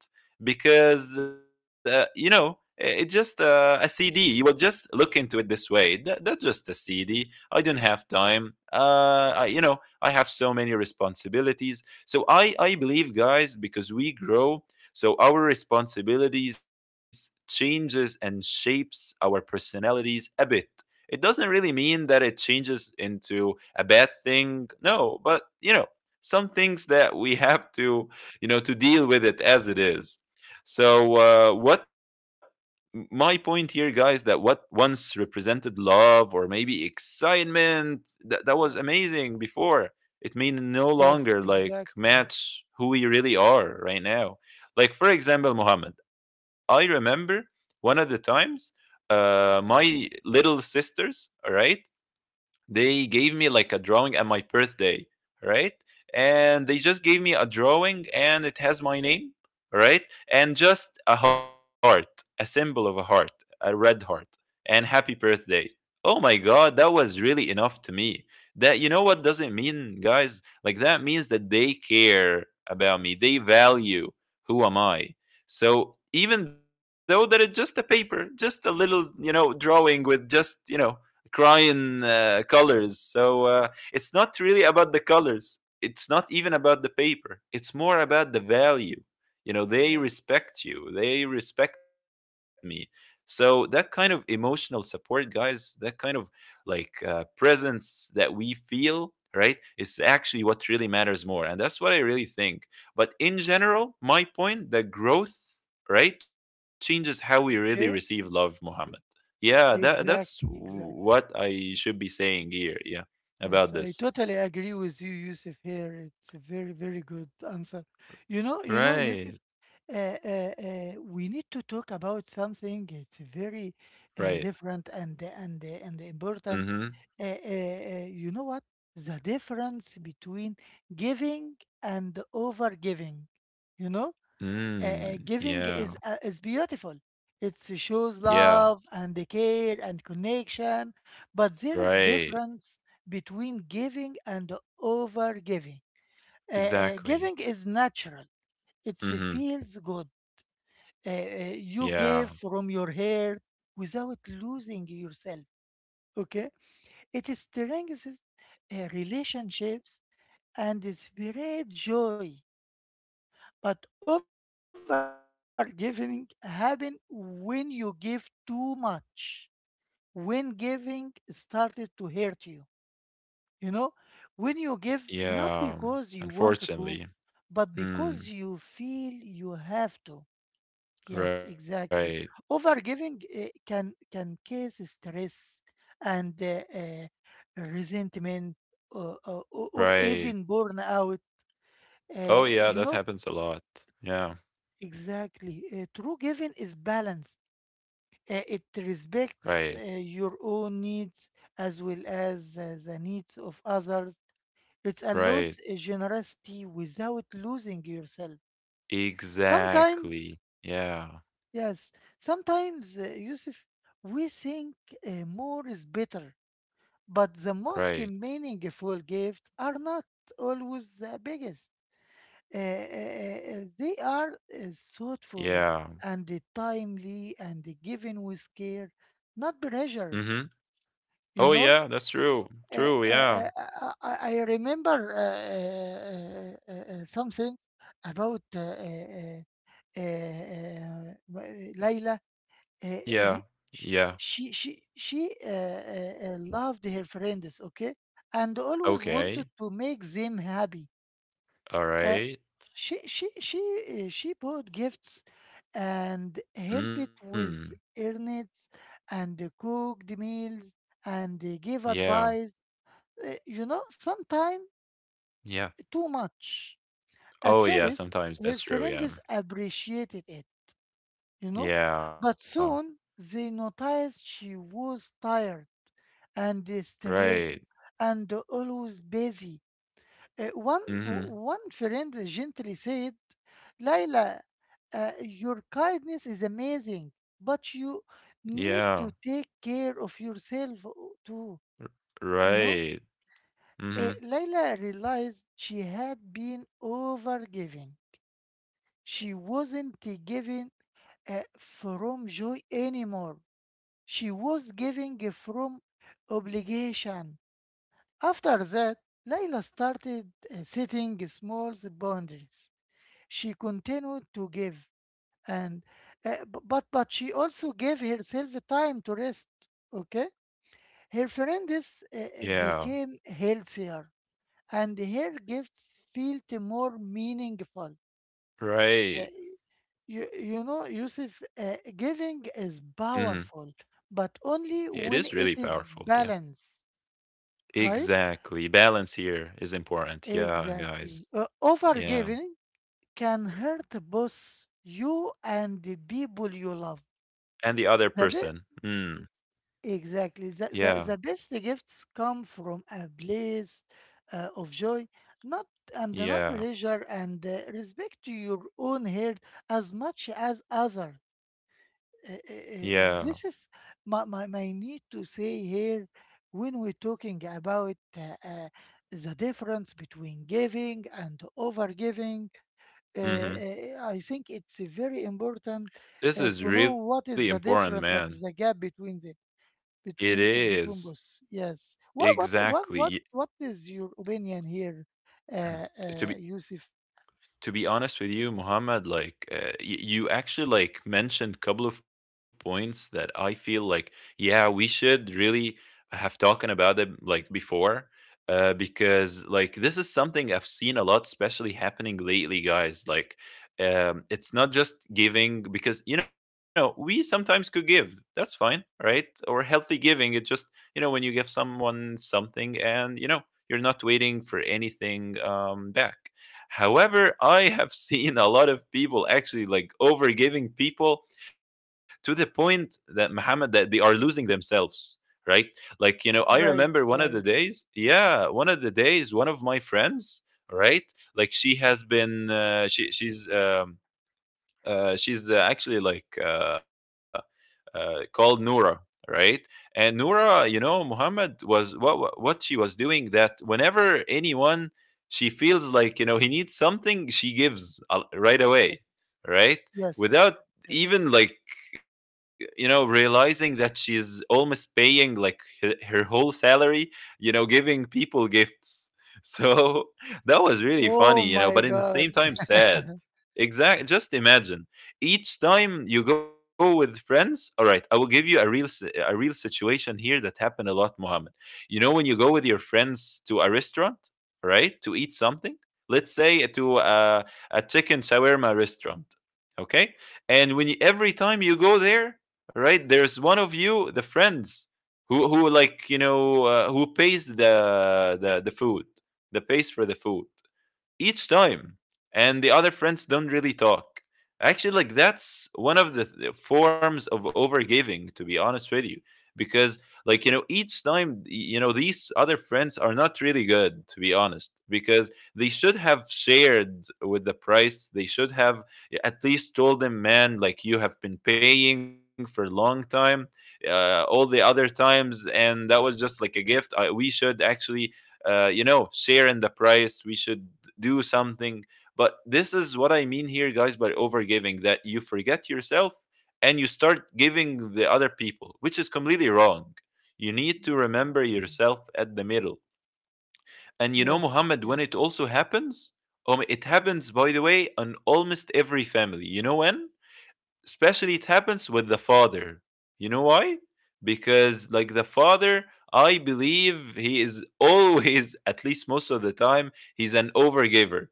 Because you know, it's just a CD. You will just look into it this way, that, that's just a CD. I don't have time. I, you know, I have so many responsibilities. So I believe, guys, because we grow, so our responsibilities changes and shapes our personalities a bit. It doesn't really mean that it changes into a bad thing. No, but you know, some things that we have to, you know, to deal with it as it is. So, what my point here, guys, that what once represented love or maybe excitement that, that was
Yes,
amazing before, it may no
yes,
longer like
exactly.
match who we really are right now. Like, for example, Muhammad, I remember one of the times, my little sisters, all right, they gave me like a drawing at my birthday, right? And they just gave me a drawing and it has my name, right? And just a heart, a symbol of a heart, a red heart, and happy birthday. Oh my god, that was really enough to me. That, you know, what does it mean, guys? Like, that means that they care about me, they value who am I. So even though that it's just a paper, just a little, you know, drawing with just, you know, crying colors. So it's not really about the colors. It's not even about the paper. It's more about the value. You know, they respect
Yes.
you. They respect me. So that kind of emotional support, guys, that kind of like presence that we feel, right, is actually what really matters more. And that's what I really think. But in general, my point, the growth, right, changes how we really receive
Okay.
love, Muhammad. Yeah, that's
Exactly,
what
exactly.
I should be saying here. Yeah, about
Yes,
this.
I totally agree with you, Yusuf. Here, it's a very, very good answer. You know,
Right,
Yusuf, uh, uh, we need to talk about something. It's very
right.
different and
Mm-hmm.
important. You know what? The difference between giving and over giving. You know,
Mm,
giving
yeah,
is, is beautiful. It shows
yeah.
love and care and connection, but there is
Right.
difference between giving and over giving.
Exactly.
Giving is natural. It
Mm-hmm.
feels good.
Yeah,
You give from your heart without losing yourself. Okay, it strengthens relationships and spread joy. But overgiving happened when you give too much, when giving started to hurt you. You know, when you give not because you want
yeah.
to, but
Unfortunately.
because you
Mm,
feel you have to. Yes, exactly.
right,
Overgiving can cause stress and resentment, or
right.
even burnout.
Oh
Uh,
yeah,
you
that
know,
happens a lot. Yeah.
Exactly. True giving is balanced. It
Right,
respects your own needs as well as the needs of others. It
right.
allows generosity without losing yourself. Sometimes,
Exactly. Yeah.
yes, sometimes, Yusuf, we think more is better, but the
Right.
most meaningful gifts are not always the biggest. They are thoughtful
Yeah.
and timely and given with care, not
Mm-hmm.
pressure,
Oh
you
yeah,
know.
that's true.
Uh,
True.
uh,
Yeah.
uh, I, remember something about uh, uh, Layla.
Yeah.
Uh, uh, he,
Yeah.
she she loved her friends, okay, and always
Okay.
wanted to make them happy.
All
uh,
right.
she bought gifts and helped
Mm.
with earnings and cooked meals and gave
Yeah.
advice. You know, sometimes
Yeah.
too much. At
Oh,
first,
yeah.
her
Sometimes that's true.
friends
Yeah. Mm.
appreciated it, you know,
Yeah.
but soon they noticed she was tired and
Right.
stressed and always busy. Uh, one
Mm-hmm.
One friend gently said, "Laila, uh, your kindness is amazing, but you
Yeah.
need to take care of yourself too."" You know,
Right. Mm-hmm.
Laila realized she had been overgiving. She wasn't giving from joy anymore. She was giving from obligation. After that, Laila started setting small boundaries. She continued to give, and but she also gave herself time to rest. Okay, her friends
Yeah.
became healthier, and her gifts felt more meaningful. Uh,
Right.
you know, Yusuf, giving is
Mm-hmm.
powerful, but
Yeah, it is
only
really
when it
powerful. Yeah.
is balanced, right?
Exactly. Balance here is important. Yeah, guys.
Exactly.
Yeah.
Overgiving can hurt both you and the people you love.
And the other person.
The, be-
Mm.
Exactly. The,
Yeah.
the, the best gifts come from a place of joy, not and not
Yeah.
pleasure, and respect to your own heart as much as other.
Yeah.
This is my need to say here when we're talking about the difference between giving and overgiving.
Mm-hmm.
I think it's very important
This is
to know
really
what is
important,
the
man.
difference and the gap between them
It
between
is.
between both. Yes. What what
Exactly,
what
ye
what what is your opinion here,
to be
Yusuf?
to be honest with you, Muhammad, like, you actually like mentioned couple of points that I feel like, yeah, we should really have talking about it like before, because like this is something I've seen a lot, especially happening lately, guys. Like, it's not just giving, because you know, we sometimes could give, that's fine, right? Or healthy giving, it just, you know, when you give someone something, and you know, you're not waiting for anything back. However, I have seen a lot of people actually like overgiving people to the point that, Muhammad, that they are losing themselves, right? Like, you know, I remember
Right,
one of the
right.
days, yeah, one of the days, one of my friends, right? Like, she has been she's actually like called Noura, right? And Noura, you know, Muhammad, was what she was doing, that whenever anyone, she feels like, you know, he needs something, she gives, right
Yes,
away, right?
yes,
Without
yes.
even like, you know, realizing that she's almost paying like her whole salary, you know, giving people gifts. So that was really
Oh
funny, you
my
know, but in the
God.
same time sad. Exact. Just imagine, each time you go with friends, all right, I will give you a real a real situation here that happened a lot, mohammed you know, when you go with your friends to a restaurant, right, to eat something, let's say to a chicken shawarma restaurant, okay? And when you, every time you go there, right, there's one of you, the friends, who like, you know, who pays the food, the pays for the food each time, and the other friends don't really talk. Actually, like, that's one of the forms of overgiving, to be honest with you. Because, like, you know, each time, you know, these other friends are not really good, to be honest, because they should have shared with the price. They should have at least told them, man, like, you have been paying for a long time, all the other times, and that was just like a gift. I, we should actually, you know, share in the price. We should do something. But this is what I mean here, guys, by overgiving, that you forget yourself and you start giving the other people, which is completely wrong. You need to remember
Exactly.
yourself at the middle. And you know,
Yes,
Muhammad, when it
yes,
also happens, it happens, by the way, on almost every family. You know when? Especially it happens with the father. You know why? Because, like, the father, I believe he is always, at least most of the time, he's an overgiver.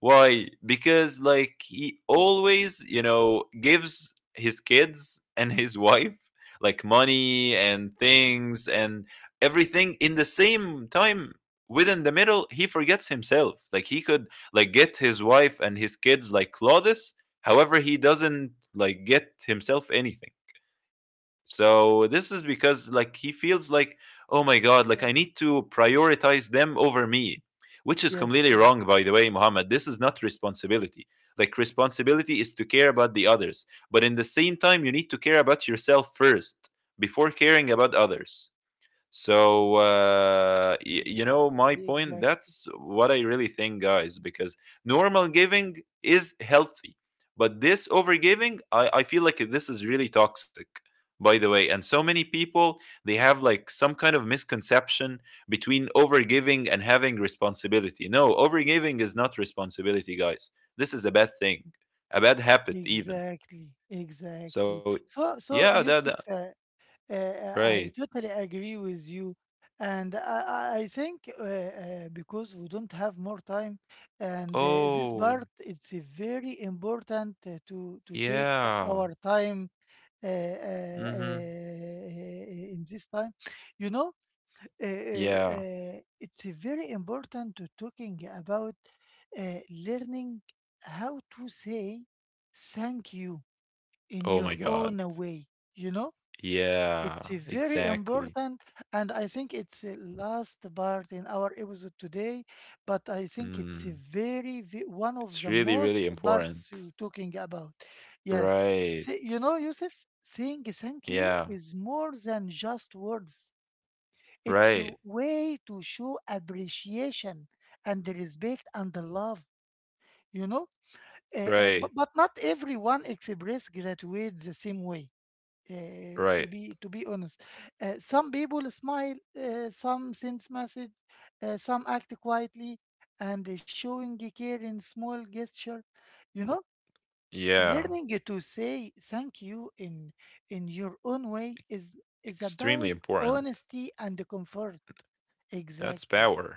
Why? Because, like, he always, you know, gives his kids and his wife like money and things and everything. In the same time, within the middle, he forgets himself. Like, he could like get his wife and his kids like clothes. However, he doesn't like get himself anything. So this is because, like, he feels like, oh my god, like, I need to
yes,
prioritize them over me, which is completely
yes,
wrong,
yes.
by the way, Muhammad. This is not responsibility. Like, responsibility is to care about the others, but in the same time, you need to care about yourself first before caring about others. So, you know, my
Exactly,
point,
exactly,
that's what I really think, guys, because normal giving is healthy. But this overgiving, I feel like this is really toxic, by the way. And so many people, they have like some kind of misconception between overgiving and having responsibility. No, overgiving is not responsibility, guys. This is a bad thing, a bad habit, even.
exactly.
So,
So, so
yeah, that,
Yusuf,
that
I,
Right.
totally agree with you. And I think because we don't have more time, and this part
Oh,
it's very important to take our
yeah.
time
Mhm.
in this time. You know,
Yeah.
it's very important to talking about learning how to say thank you in your
Oh my
own
God.
way. You know,
Yeah,
it's a very
exactly.
important, and I think it's the last part in our episode today. But I think it's a
Mm.
very one of the
It's really,
most
really
parts you're
important.
talking about. Yes. See,
Right.
you know, Yusuf, saying thank
Yeah.
you is more than just words. It's
Right.
a way to show appreciation and respect and the love. You know,
Right.
but not everyone express gratitude the same way,
Right.
to be honest. Some people smile, some send message, some act quietly, and showing the care in small gesture. You know,
Yeah.
learning to say thank you in your own way is
Extremely
about
important.
honesty and comfort.
That's
Exactly.
power.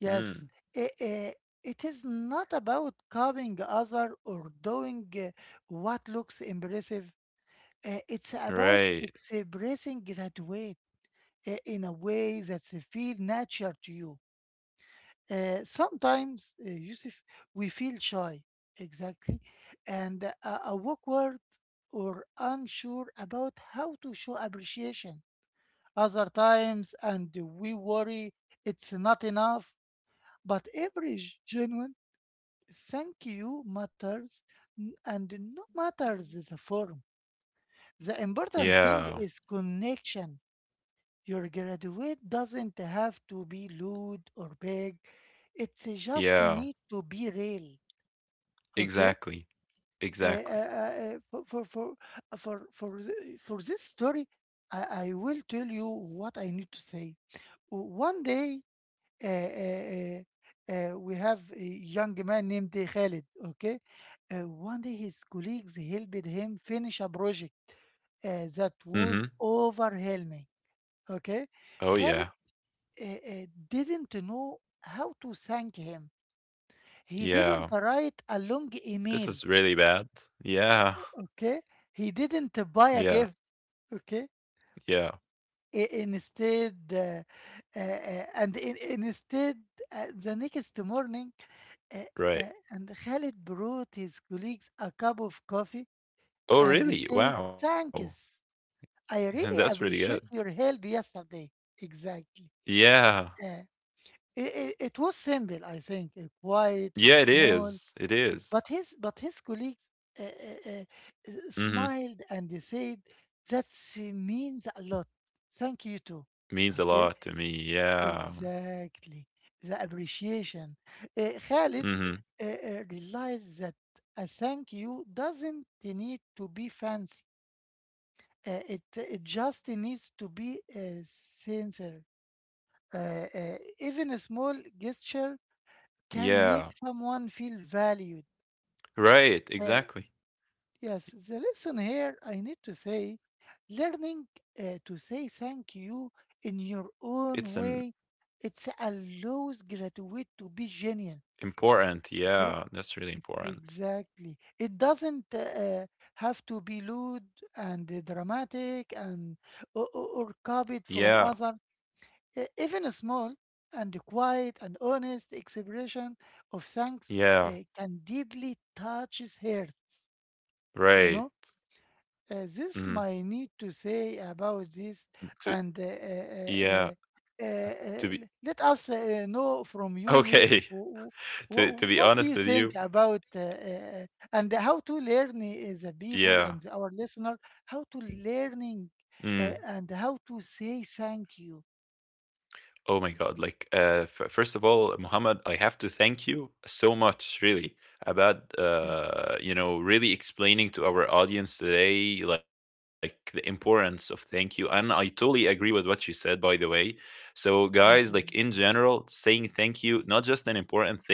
Yes.
Mm.
I- I- it is not about copying other or doing what looks impressive. It's
Right.
about expressing gratitude in a way that they feel natural to you. Sometimes, Yusuf, we feel shy, exactly, and awkward or unsure about how to show appreciation. Other times, and we worry it's not enough. But every genuine thank you matters, and no matters the form. The
Yeah.
important thing is connection. Your graduate doesn't have to be loud or big. It's
Yeah.
just need to be real. Okay.
Exactly.
Uh,
Exactly.
uh, uh, uh, for for for for, th- For this story, I, will tell you what I need to say. One day, uh, uh, uh, we have a young man named Khalid. Okay, uh, one day his colleagues helped him finish a project that
Mhm.
was overwhelming.
Oh
Okay,
yeah.
Khalid didn't know how to thank him. He
Yeah.
didn't write a long
This is
email,
really bad. Yeah.
okay? He didn't
Yeah.
buy a gift, okay?
Yeah.
Instead, uh, uh, and in, instead, the next morning, uh,
Right.
and Khalid brought his colleagues a cup of coffee
Oh
and he
really?
said,
Wow.
Thanks.
That's
I
pretty
really
good.
appreciate your help yesterday. Exactly.
Yeah.
Uh, it was simple, I think, quiet
Yeah, it
and small.
is. It is.
But his colleagues uh, uh, uh,
Mhm.
smiled and they said that means a lot. Thank you
Means
too.
a lot to me.
Okay,
Yeah.
exactly the appreciation. Khalid
Mhm.
realized that a thank you doesn't need to be fancy. It just needs to be sincere. Even a small gesture can make
Yeah.
someone feel valued.
Right,
Uh,
exactly.
Yes, the lesson here I need to say learning to say thank you in your
It's
own way, it allows graduate to be genuine,
important.
okay,
Yeah, that's really important.
exactly, it doesn't have to be loud and dramatic and, or copied
Yeah.
from other. Even a small and quiet and honest expression of thanks
Yeah.
can deeply touches hearts, you know.
Right.
This my
Mhm.
need to say about
To,
this. And
yeah,
uh,
to be,
uh, Let us know from you,
okay.
Yusuf.
To be
What do you
honest with
think
you,
about and how to learn the people and
yeah.
our listener how to
Mm.
learning and how to say thank you?
Oh my God. Like, first of all, Muhammad, I have to thank you so much, really, about,
Yes,
really explaining to our audience today, like, the importance of thank you. And I totally agree with what you said, by the way. So, guys, like,
thank
in
you.
general, saying thank you, not just an important thing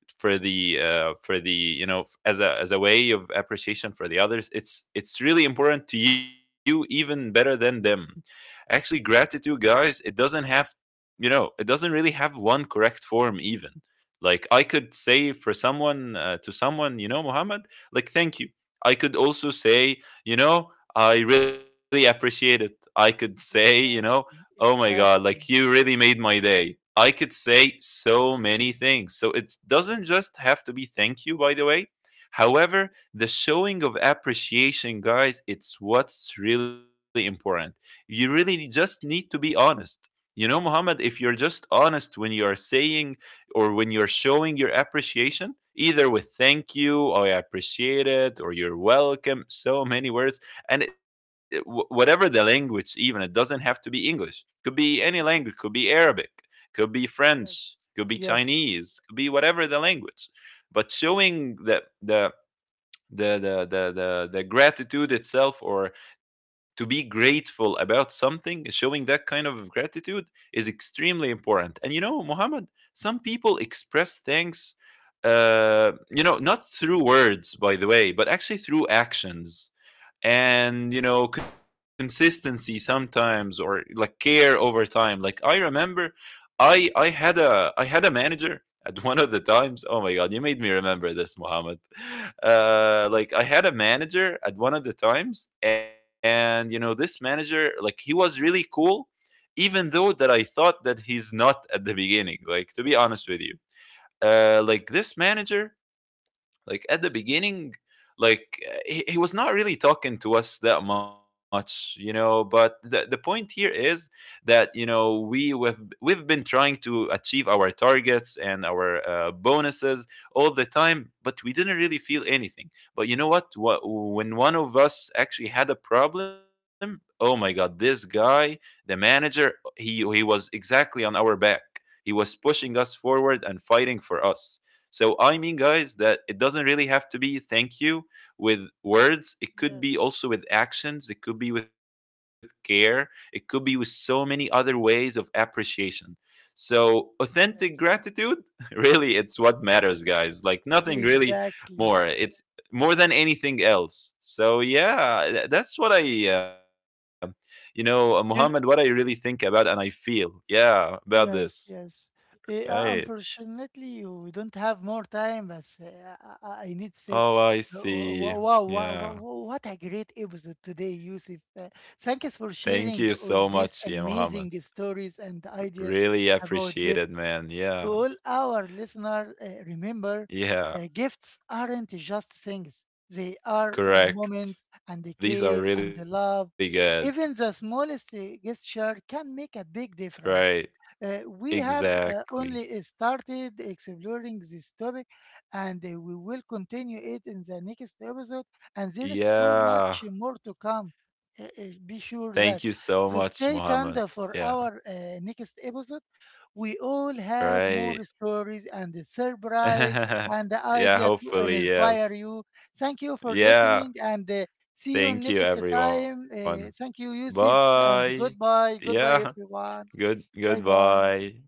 for the as a way of appreciation for the others, it's really important to you, even better than them. Actually, gratitude, guys, it doesn't have, it doesn't really have one correct form even. Like, I could say for someone to someone, Muhammad, like thank you. I could also say, I really appreciate it. I could say, oh
exactly
my God, like you
exactly
really made my day. I could say so many things, so it doesn't just have to be thank you, by the way. However, the showing of appreciation, guys, it's what's really important. You really just need to be honest. Muhammad, if you're just honest when you're saying or when you're showing your appreciation, either with thank you, or I appreciate it, or you're welcome, so many words, and whatever the language, even it doesn't have to be English. Could be any language, could be Arabic, could be French,
yes
could be
yes
Chinese, could be whatever the language. But showing the gratitude itself, or to be grateful about something, showing that kind of gratitude is extremely important. And, Muhammad, some people express thanks, not through words, by the way, but actually through actions, and consistency sometimes, or like care over time. Like, I remember I had a manager at one of the times. Oh my God, you made me
yes.
remember this, Mohammed.
Mhm.
Like, I had a manager at one of the times, and this manager, like, he was really cool, even though that I thought that he's not at the beginning, like, to be honest with you. Like, this manager, like at the beginning, like, he was not really talking to us that much. But the point here is that, we've been trying to achieve our targets and our bonuses all the time, but we didn't really feel anything. But you know what? What? When one of us actually had a problem, oh my God, this guy, the manager, he was exactly on our back. He was pushing us forward and fighting for us. So I mean, guys, that it doesn't really have to be thank you with words. It
yes
could be also with actions. It could be with care. It could be with so many other ways of appreciation. So authentic
yes
gratitude, really, it's what matters, guys. Like nothing really
Exactly.
more. It's more than anything else. So yeah, that's what I, uh,
You,
Muhammad, what I
y-
really think about and I feel. Yeah,
yes,
about
yes.
this. Right.
Unfortunately, we don't have more time, but I need to say,
Oh,
wow,
I
wow, wow, wow,
see.
what a great
Yeah.
episode today, Yusuf. Thank you for
Thank
sharing
you
all
so
these
much, yeah,
amazing
Muhammad.
stories and ideas
Really
about gifts.
appreciate it,
To
man.
all
Yeah,
our listeners, remember,
yeah,
gifts aren't just things, they are moments
correct.
and the care and the
These are
love.
really good.
Even the smallest gesture can make a big difference.
Right,
We have
exactly.
only started exploring this topic, and we will continue it in the next episode. And there is so
Yeah,
much more to come.
thank
Be
you
sure
so
that.
much,
So
Muhammad.
stay tuned
Yeah,
for our next episode. We all have
right.
more stories and a surprise and the
Yeah,
idea to
hopefully,
inspire
yes.
you. Thank you for listening,
Yeah,
and see you
thank
next
you,
time.
everyone.
Thank you, Yusuf, and
Bye.
goodbye.
Yeah,
Goodbye, everyone. Bye bye.
goodbye.